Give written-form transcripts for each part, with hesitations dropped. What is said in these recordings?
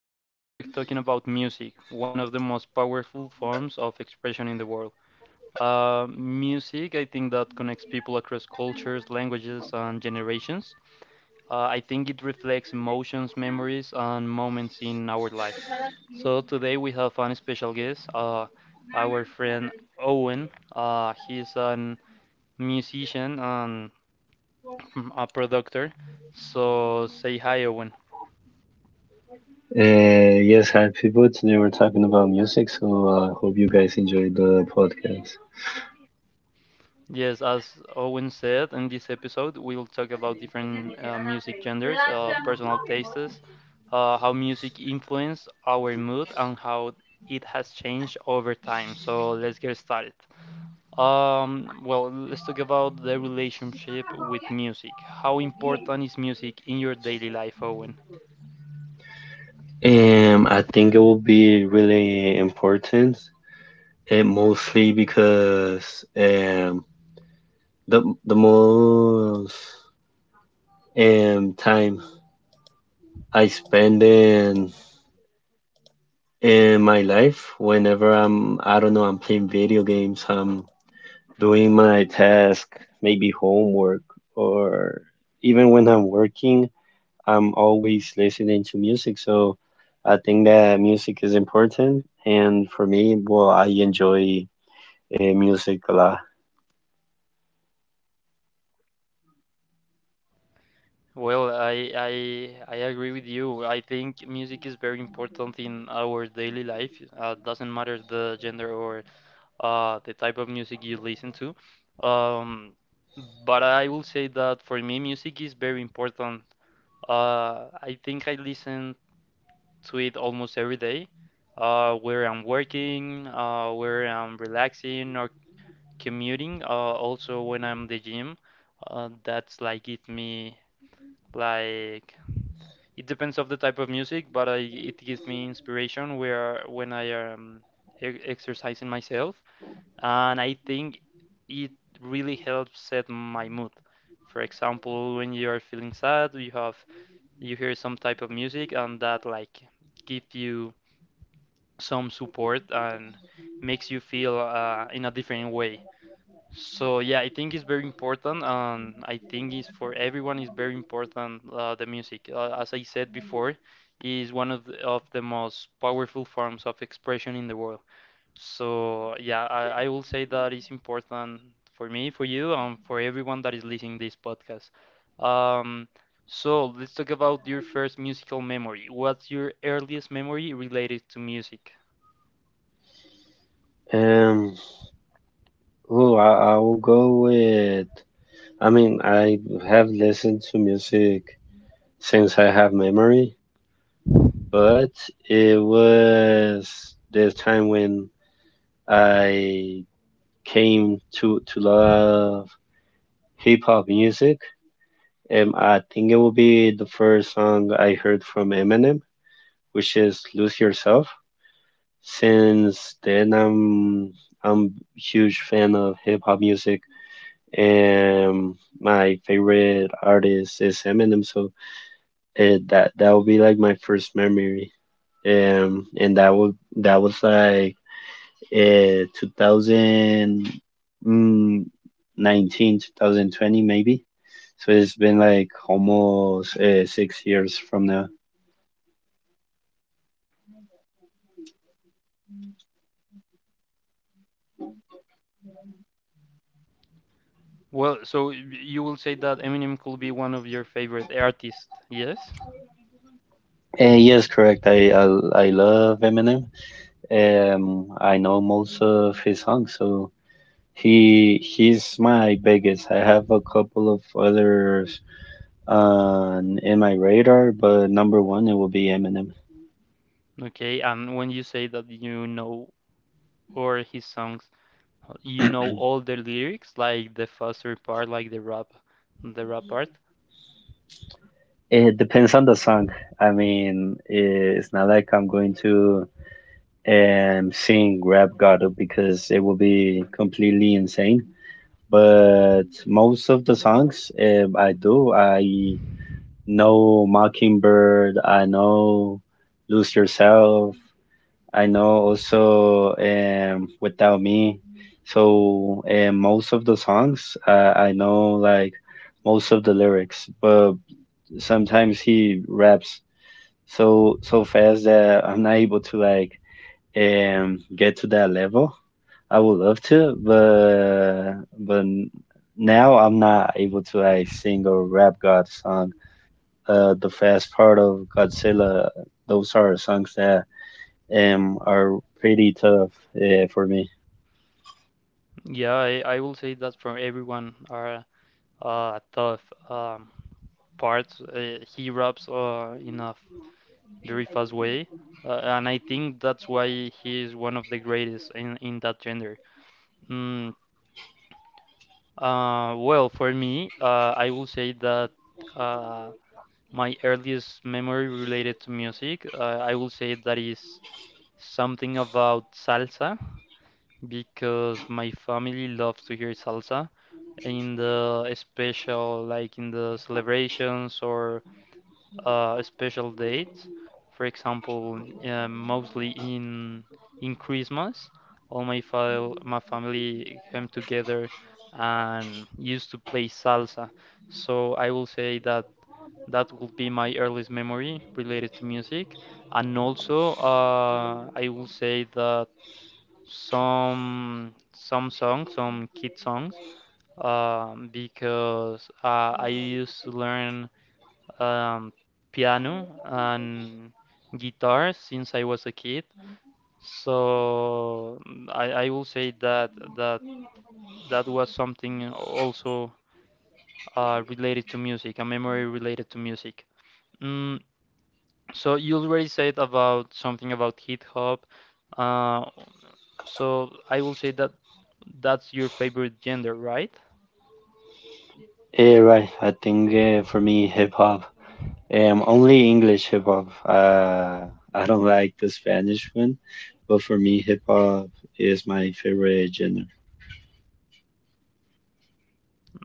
Today, we're talking about music, one of the most powerful forms of expression in the world. Music, I think, that connects people across cultures, languages, and generations. I think it reflects emotions, memories, and moments in our lives. So, today, we have an special guest, our friend Owen. He's a musician and a producer. So, say hi, Owen. Uh, yes, hi people. Today we're talking about music, so I hope you guys enjoyed the podcast. Yes, as Owen said, in this episode, we'll talk about different music genres, personal tastes, how music influenced our mood, and how it has changed over time. So let's get started. Well, let's talk about the relationship with music. How important is music in your daily life, Owen? I think it will be really important, and mostly because the most time I spend in my life, whenever I don't know, I'm playing video games, I'm doing my task, maybe homework, or even when I'm working, I'm always listening to music, so I think that music is important. And for me, well, I enjoy music a lot. Well, I agree with you. I think music is very important in our daily life. Doesn't matter the gender or the type of music you listen to. Um, but I will say that for me, music is very important. I think I listen to it almost every day, where I'm working, where I'm relaxing or commuting, also when I'm the gym. That's like give me like it depends of the type of music, but I, it gives me inspiration where when I am e exercising myself and I think it really helps set my mood. For example, when you are feeling sad, you have you hear some type of music, and that like gives you some support and makes you feel in a different way. So yeah, I think it's very important, and I think it's for everyone is very important the music. As I said before, is one of the most powerful forms of expression in the world. So yeah, I will say that is important for me, for you, and for everyone that is listening this podcast. Um, so let's talk about your first musical memory. What's your earliest memory related to music? Um, well, I will go with. I mean, I have listened to music since I have memory, but it was the time when I came to love hip hop music. I think it will be the first song I heard from Eminem, which is Lose Yourself. Since then, I'm huge fan of hip hop music, and my favorite artist is Eminem. So it, that that would be like my first memory, and that was like 2019, maybe. So it's been like almost 6 years from now. Well, so you will say that Eminem could be one of your favorite artists, yes? Yes, correct. I love Eminem. I know most of his songs, so he's my biggest. I have a couple of others on in my radar, but number one it will be Eminem. Okay, and when you say that you know or his songs, you know all the lyrics, like the faster part, like the rap part. It depends on the song. I mean, it's not like I'm going to sing Rap God because it will be completely insane. But most of the songs I do, I know Mockingbird, I know Lose Yourself, I know also Without Me. So most of the songs, I know like most of the lyrics, but sometimes he raps so fast that I'm not able to like get to that level. I would love to, but now I'm not able to like sing or rap God song. The fast part of Godzilla, those are songs that are pretty tough for me. Yeah, I will say that from everyone are tough um, parts. He raps in a very fast way, and I think that's why he is one of the greatest in that gender. Mm, well, for me, I will say that uh, my earliest memory related to music, I will say that is something about salsa, because my family loves to hear salsa in the special, like in the celebrations or special dates. For example, mostly in Christmas, all my file, my family came together and used to play salsa. So I will say that that would be my earliest memory related to music. And also, I will say that some songs, some kid songs, because I used to learn um, piano and guitar since I was a kid. So I will say that that was something also related to music, a memory related to music. Mm, So you already said about something about GitHub. Uh, so I will say that that's your favorite gender, right? Yeah, right. I think for me, hip hop, only English hip hop. I don't like the Spanish one, but for me, hip hop is my favorite genre.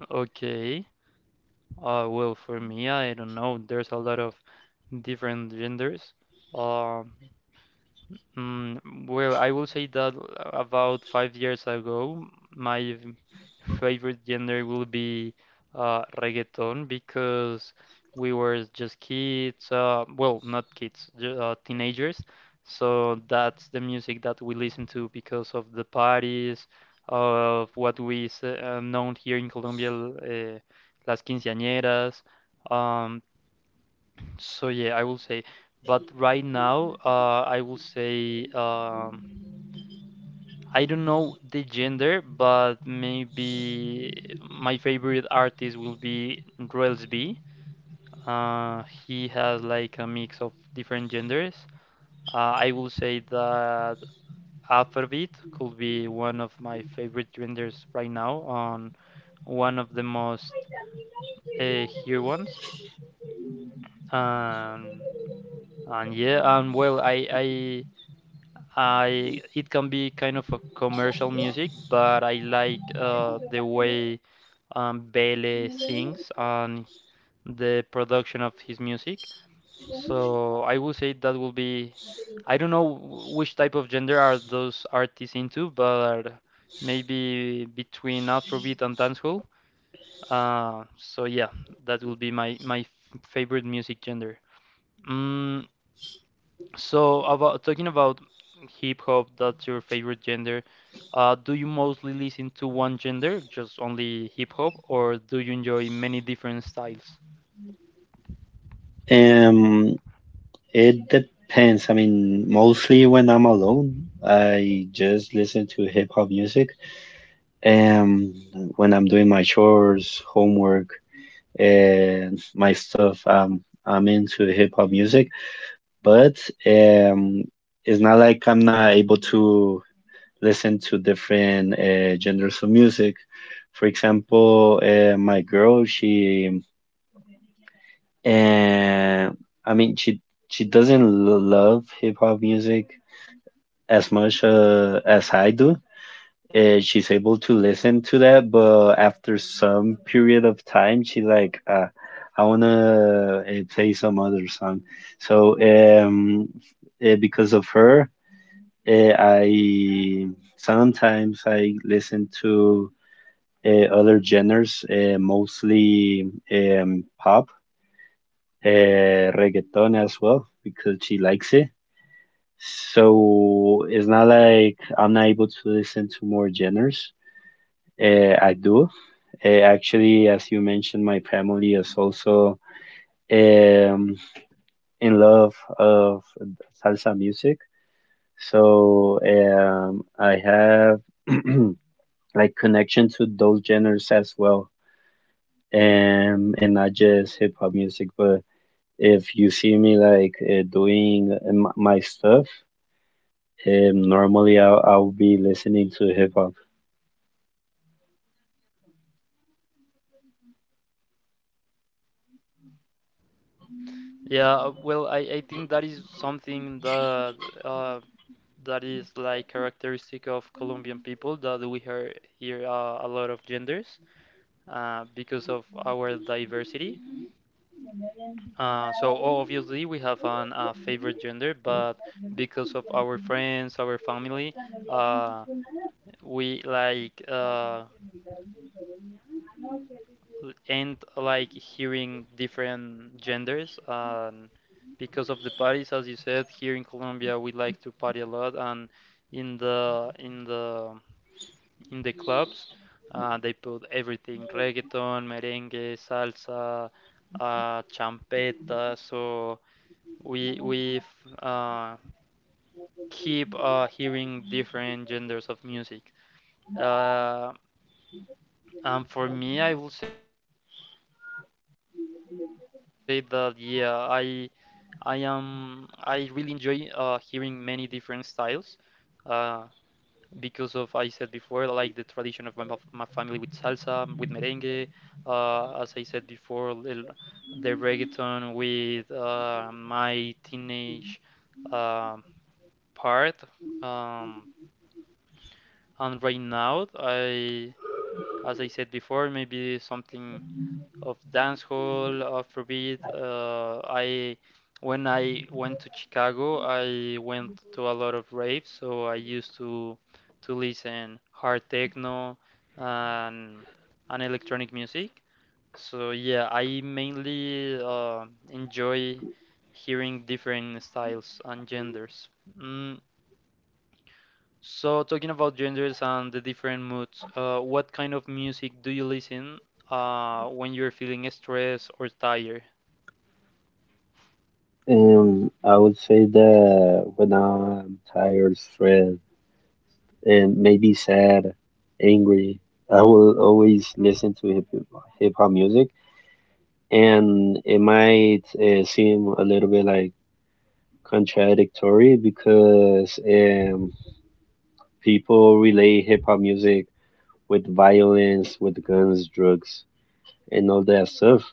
Okay. Well, for me, I don't know. There's a lot of different genders. Um well, I will say that about 5 years ago, my favorite genre will be reggaeton because we were just kids, well, not kids, teenagers. So that's the music that we listen to because of the parties, of what we known here in Colombia, las quinceañeras. Um, so yeah, I will say, but right now, I will say, I don't know the gender, but maybe my favorite artist will be Rels B. He has like a mix of different genders. Uh, I will say that Afrobeat could be one of my favorite genders right now, on one of the most here ones. Um, and yeah, and well, I. I it can be kind of a commercial music, but I like the way Bele sings and the production of his music. So I would say that will be. I don't know which type of gender are those artists into, but maybe between Afrobeat and dancehall. So yeah, that will be my favorite music gender. Mm, so about talking about hip hop, that's your favorite gender. Do you mostly listen to one gender, just only hip hop, or do you enjoy many different styles? Um, it depends. I mean, mostly when I'm alone, I just listen to hip hop music. Um, when I'm doing my chores, homework, and my stuff, I'm into hip hop music, but um, it's not like I'm not able to listen to different genres of music. For example, my girl, she, uh, I mean, she doesn't love hip hop music as much as I do. She's able to listen to that, but after some period of time, she like, I wanna play some other song. So, because of her, I sometimes I listen to other genres, mostly pop, uh, reggaeton as well, because she likes it. So it's not like I'm not able to listen to more genres. I do. Uh, Actually, as you mentioned, my family is also um, in love of salsa music. So I have. like connection to those genres as well, and not just hip hop music, but if you see me like doing my stuff, normally I'll be listening to hip hop. Yeah, well, I think that is something that uh, that is like characteristic of Colombian people that we hear here a lot of genders because of our diversity. So obviously we have an favorite gender, but because of our friends, our family, uh, we like end like hearing different genders and because of the parties as you said here in Colombia we like to party a lot and in the clubs they put everything reggaeton merengue salsa champeta so we we f- uh, keep hearing different genders of music. uh, for me, I will say that yeah, I really enjoy hearing many different styles uh, because of I said before like the tradition of my family with salsa, with merengue, as I said before, the reggaeton with my teenage uh, part. Um, and right now, I as I said before, maybe something of dancehall, Afrobeat. I When I went to Chicago, I went to a lot of raves, so I used to listen hard techno and and electronic music. So yeah, I mainly enjoy hearing different styles and genders. Mm, so, talking about genders and the different moods, what kind of music do you listen when you're feeling stressed or tired? I would say that when I'm tired, stressed, and maybe sad, angry, I will always listen to hip hop music, and it might seem a little bit like contradictory, because people relate hip hop music with violence, with guns, drugs, and all that stuff.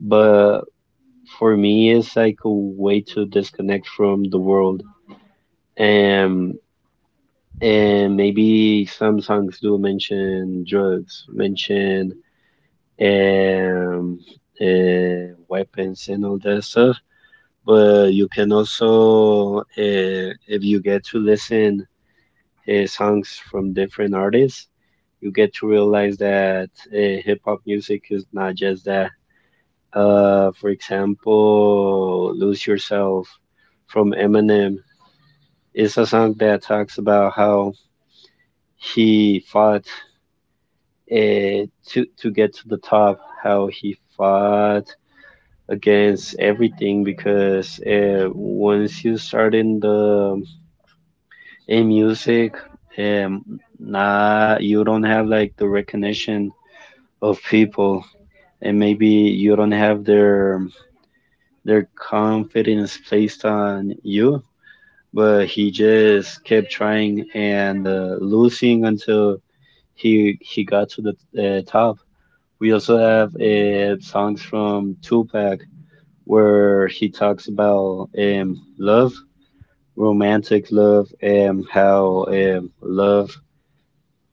But for me, it's like a way to disconnect from the world. And and maybe some songs do mention drugs, mention um, weapons and all that stuff. But you can also, if you get to listen songs from different artists, you get to realize that hip hop music is not just that. For example, Lose Yourself from Eminem is a song that talks about how he fought to get to the top, how he fought against everything because once you start in music, nah, you don't have like the recognition of people, and maybe you don't have their confidence placed on you, but he just kept trying and losing until he got to the top. We also have songs from Tupac, where he talks about love, romantic love, and how love,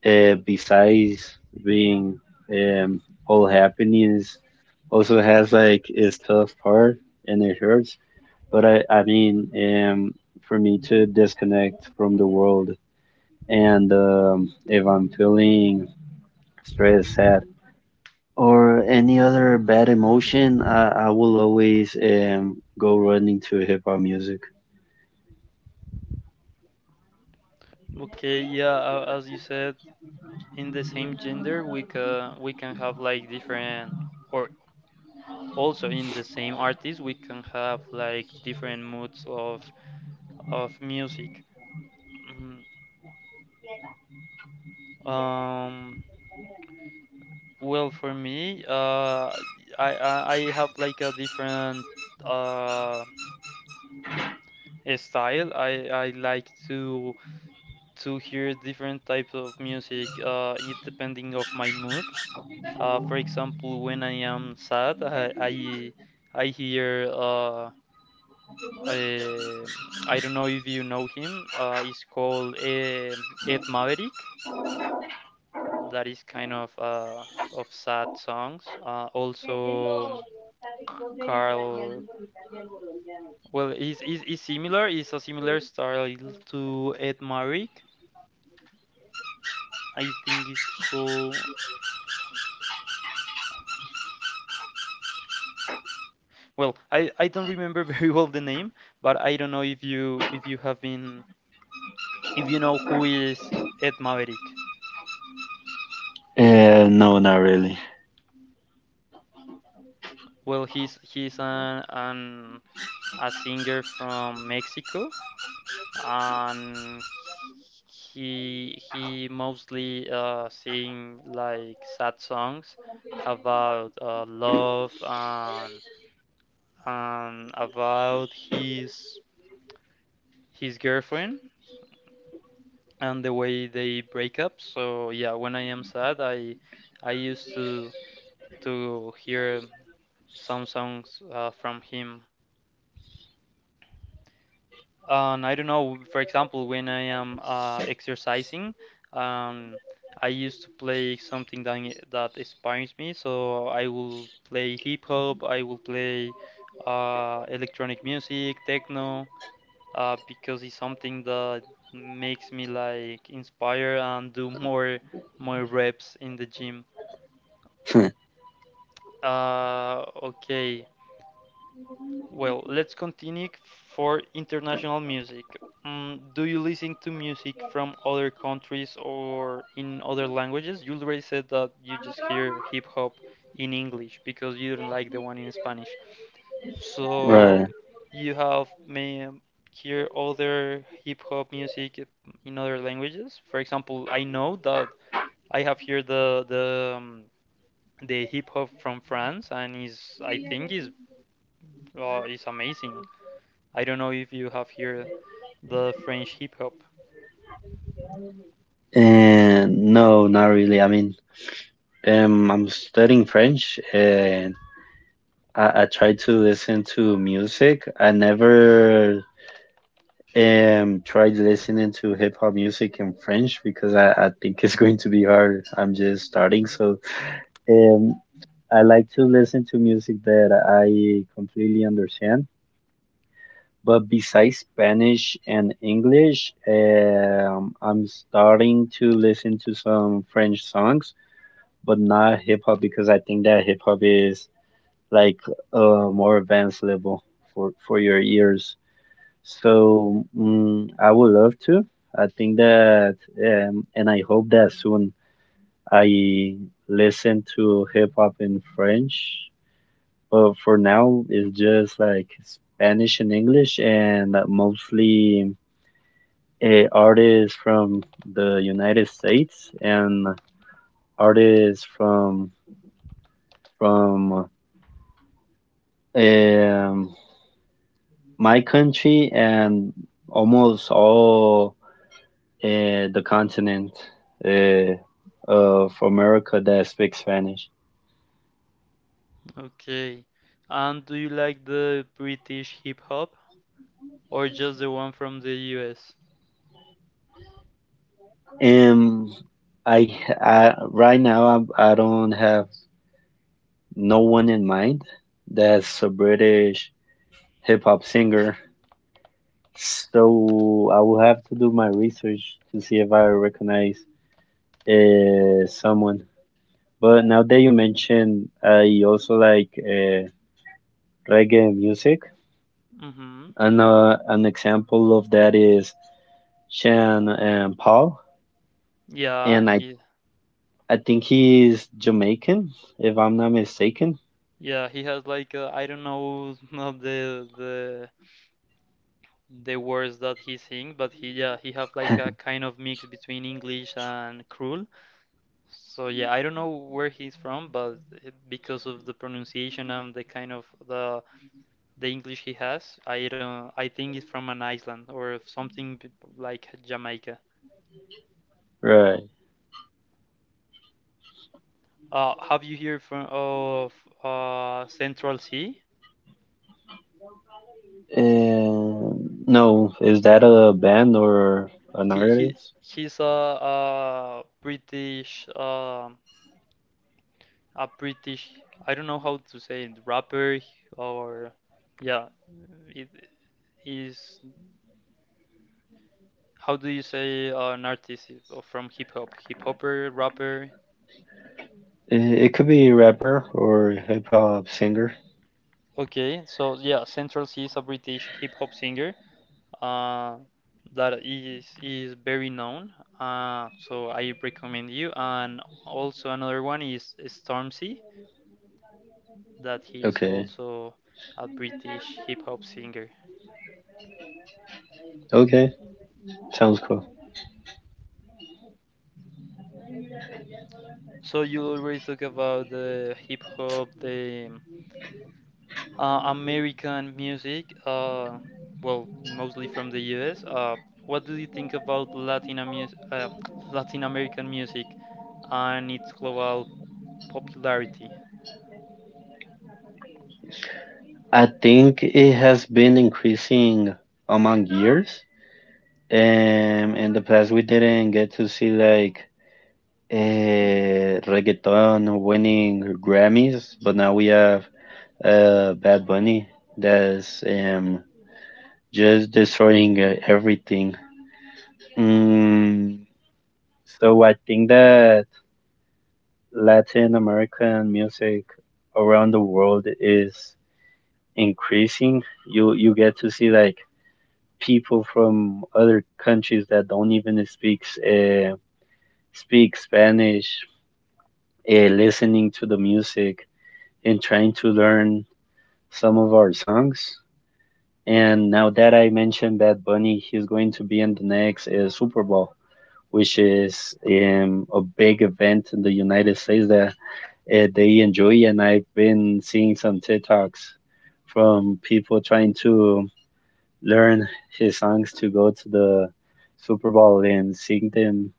besides being um, all happiness, also has like its tough part, and it hurts. But I mean, for me to disconnect from the world, and if I'm feeling stressed, sad, or any other bad emotion, I will always go running to hip hop music. Okay, yeah, as you said, in the same gender, we can have like different, or also in the same artist, we can have like different moods of music. Mhm. Um, well, for me, I I have like a different uh style. I like to hear different types of music, it depending of my mood. For example, when I am sad, I hear I, I don't know if you know him. It's called Ed Maverick. That is kind of sad songs. Also, Carl. Well, is similar. It's a similar style to Ed Maverick. I think it's called. Well, I don't remember very well the name, but I don't know if you have been if you know who is Ed Maverick. No, not really. Well, he's an a singer from Mexico, and he mostly sing like sad songs about love and about his girlfriend and the way they break up. So yeah, when I am sad, I used to hear some songs from him. And I don't know, for example, when I am exercising, um, I used to play something that inspires me. So I will play hip hop, I will play electronic music, techno, because it's something that makes me like inspire and do more more reps in the gym. Okay, well, let's continue for international music. Do you listen to music from other countries or in other languages? You already said that you just hear hip hop in English because you don't like the one in Spanish. So Right. you have may hear other hip hop music in other languages. For example, I know that I have heard the hip hop from France, and is I think is amazing. I don't know if you have heard the French hip hop. And no, not really. I mean, I'm studying French, and I try to listen to music. I never tried listening to hip hop music in French because I think it's going to be hard. I'm just starting, so um I like to listen to music that I completely understand. But besides Spanish and English, I'm starting to listen to some French songs, but not hip hop because I think that hip hop is like a more advanced level for your ears. So I would love to. I think that, and I hope that soon I listen to hip hop in French. But for now, it's just like Spanish and English, and mostly artists from the United States, and artists from um my country, and almost all uh, the continent uh, of America that speak Spanish. Okay, and do you like the British hip hop or just the one from the US? Um, I right now I don't have no one in mind that's a British hip hop singer. So I will have to do my research to see if I recognize someone. But now that you mention, I also like reggae music. Mm-hmm. And An example of that is Sean Paul, Yeah, and I he I think he's Jamaican, if I'm not mistaken. yeah, he has like I don't know not the words that he sings, but he yeah he have like a kind of mix between English and cruel. So yeah, I don't know where he's from, but because of the pronunciation and the kind of the English he has, I don't I think it's from an Iceland or something like Jamaica. Right. Have you heard from of Central Sea? And no, is that a band or an He he artist? he's a British a British, I don't know how to say it, rapper or yeah, it is how do you say an artist from hip hop, hip hopper, rapper? It could be a rapper or hip hop singer. Okay, so yeah, Central C is a British hip hop singer. Uh, that is very known. So I recommend you. And also another one is Stormzy, that he is Okay. also a British hip hop singer. Okay. Sounds cool. So you already talk about the hip hop, the American music, well, mostly from the US. What do you think about Latin American music and its global popularity? I think it has been increasing among years. In the past, we didn't get to see like reggaeton winning Grammys, but now we have Bad Bunny that's just destroying everything. Mm, so I think that Latin American music around the world is increasing. You get to see like people from other countries that don't even uh, speak Spanish, listening to the music and trying to learn some of our songs. And now that I mentioned Bad Bunny, he's going to be in the next Super Bowl, which is a big event in the United States that they enjoy. And I've been seeing some TikToks from people trying to learn his songs to go to the Super Bowl and sing them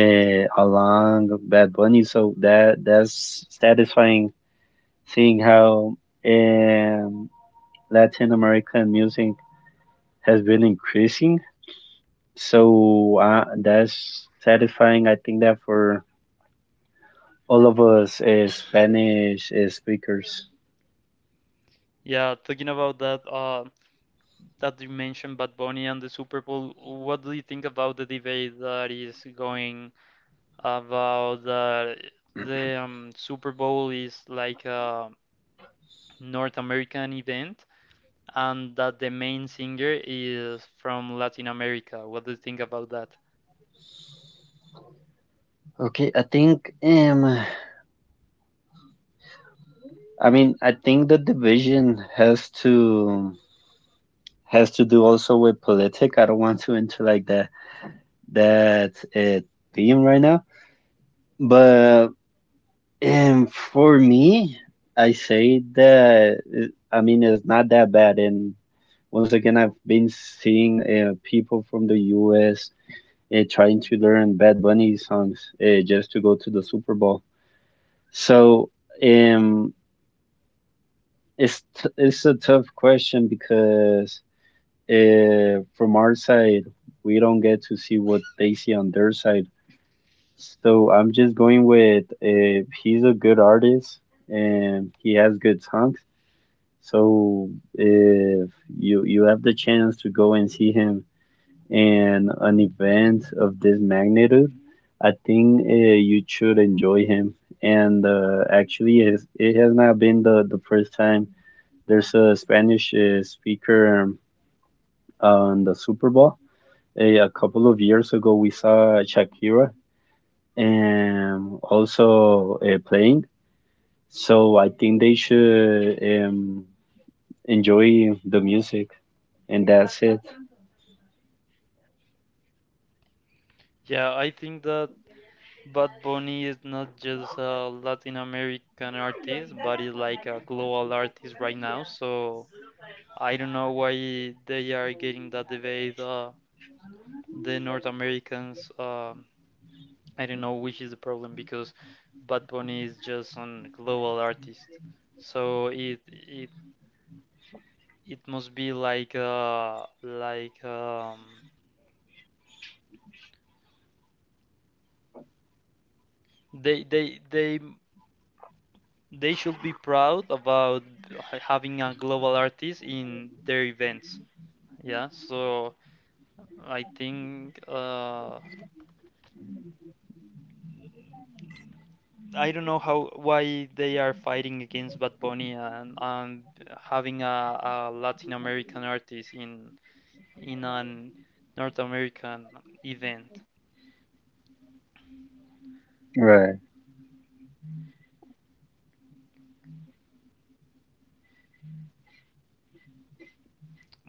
along Bad Bunny. So that's satisfying, seeing how um, Latin American music has been increasing. So that's satisfying. I think that for all of us as Spanish speakers. Yeah, talking about that, that you mentioned Bad Bunny and the Super Bowl. What do you think about the debate that is going about that the Super Bowl is like a North American event, and that the main singer is from Latin America? What do you think about that? Okay, I think I mean I think the division has to do also with politic. I don't want to enter like that theme right now, but for me, I say that I mean it's not that bad. And Once again, I've been seeing people from the US trying to learn Bad Bunny songs just to go to the Super Bowl. So um, it's a tough question because from our side, we don't get to see what they see on their side. So I'm just going with he's a good artist and he has good songs. So if you have the chance to go and see him and an event of this magnitude, I think you should enjoy him. And Actually, it has not been the first time there's a Spanish speaker on the Super Bowl. A couple of years ago, we saw Shakira also playing. So I think they should enjoy the music, and that's it. Yeah, I think that Bad Bunny is not just a Latin American artist, but is like a global artist right now. So I don't know why they are getting that debate. The North Americans, I don't know which is the problem because Bad Bunny is just a global artist. So it must be like They they they they should be proud about having a global artist in their events. Yeah, so I think I don't know how why they are fighting against Bad Bunny, and having a Latin American artist in an North American event. Right.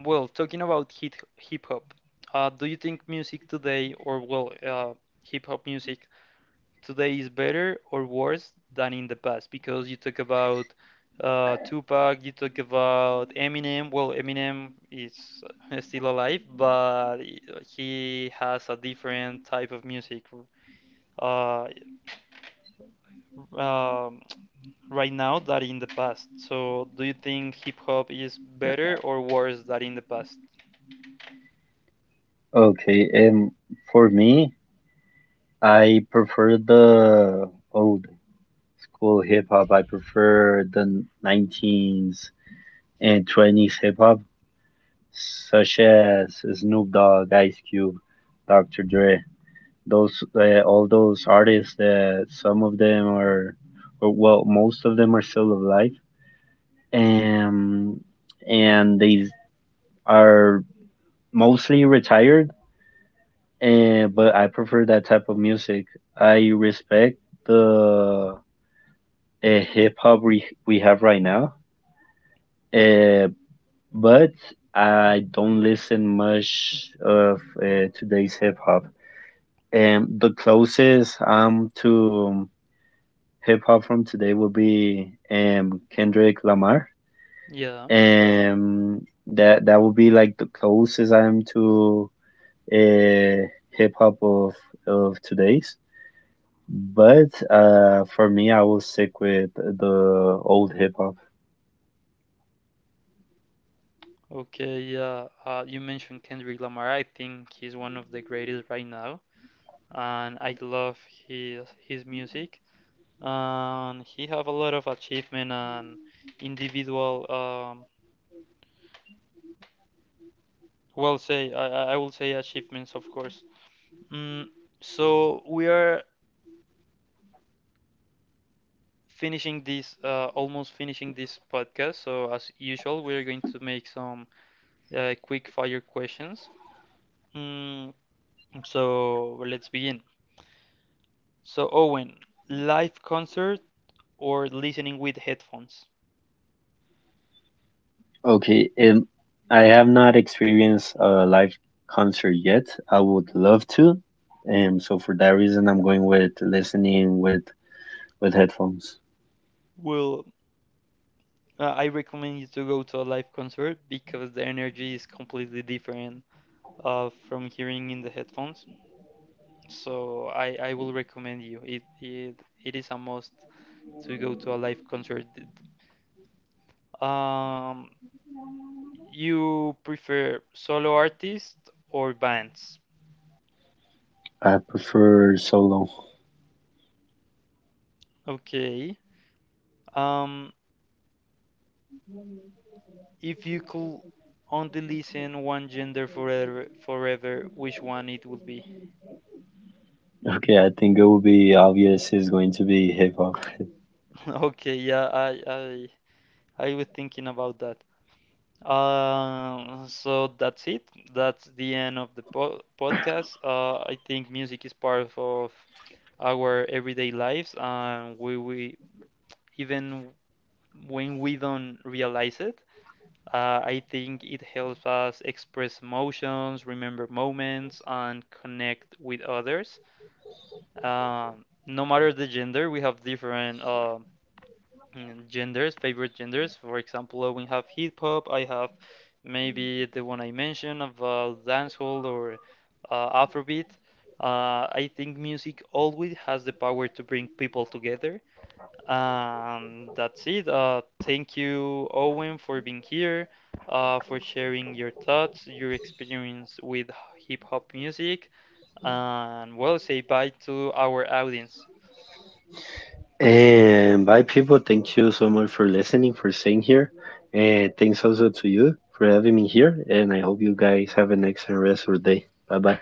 Well, talking about hip hop, do you think music today, or hip hop music, today is better or worse than in the past, because you talk about Tupac, you talk about Eminem. Well, Eminem is still alive, but he has a different type of music uh, um, right now than in the past. So, do you think hip hop is better or worse than in the past? Okay. For me, I prefer the old school hip hop. I prefer the 19s and 20s hip hop, such as Snoop Dogg, Ice Cube, Dr. Dre. Those All those artists, that some of them are, or well, most of them are still alive, and and they are mostly retired. And But I prefer that type of music. I respect the hip hop we have right now. Uh, but I don't listen much of today's hip hop. The closest to hip hop from today will be Kendrick Lamar. Yeah. That would be like the closest I am to uh, hip hop of today's. But for me, I will stick with the old hip hop. Okay, yeah. You mentioned Kendrick Lamar. I think he's one of the greatest right now, and I love his music. And he have a lot of achievement and individual, say I will say achievements, of course. Mm, so we are finishing this, almost finishing this podcast. So as usual, we are going to make some quick fire questions. Mm, so let's begin. So Owen, live concert or listening with headphones? Okay, I have not experienced a live concert yet. I would love to, and so for that reason, I'm going with listening with headphones. Well, I recommend you to go to a live concert because the energy is completely different from hearing in the headphones. So I will recommend you. It is a must to go to a live concert. Um, you prefer solo artists or bands? I prefer solo. Okay. Um, if you could only listen one gender forever, forever, which one it would be? Okay, I think it will be obvious Yeah. it's going to be hip hop. Okay, yeah, I was thinking about that. So that's it. That's the end of the po podcast. I think music is part of our everyday lives, and we even when we don't realize it, I think it helps us express emotions, remember moments, and connect with others. No matter the gender, we have different genders, favorite genders. For example, we have hip hop. I have maybe the one I mentioned about dancehall or Afrobeat. I think music always has the power to bring people together. And that's it. Thank you, Owen, for being here, for sharing your thoughts, your experience with hip hop music, and well, say bye to our audience. And bye, people. Thank you so much for listening, for staying here, and thanks also to you for having me here. And I hope you guys have an excellent rest of the day. Bye bye.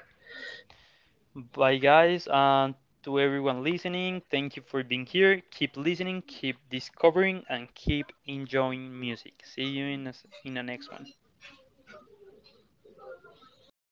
Bye, guys, and to everyone listening, thank you for being here. Keep listening, keep discovering, and keep enjoying music. See you in, in the next one.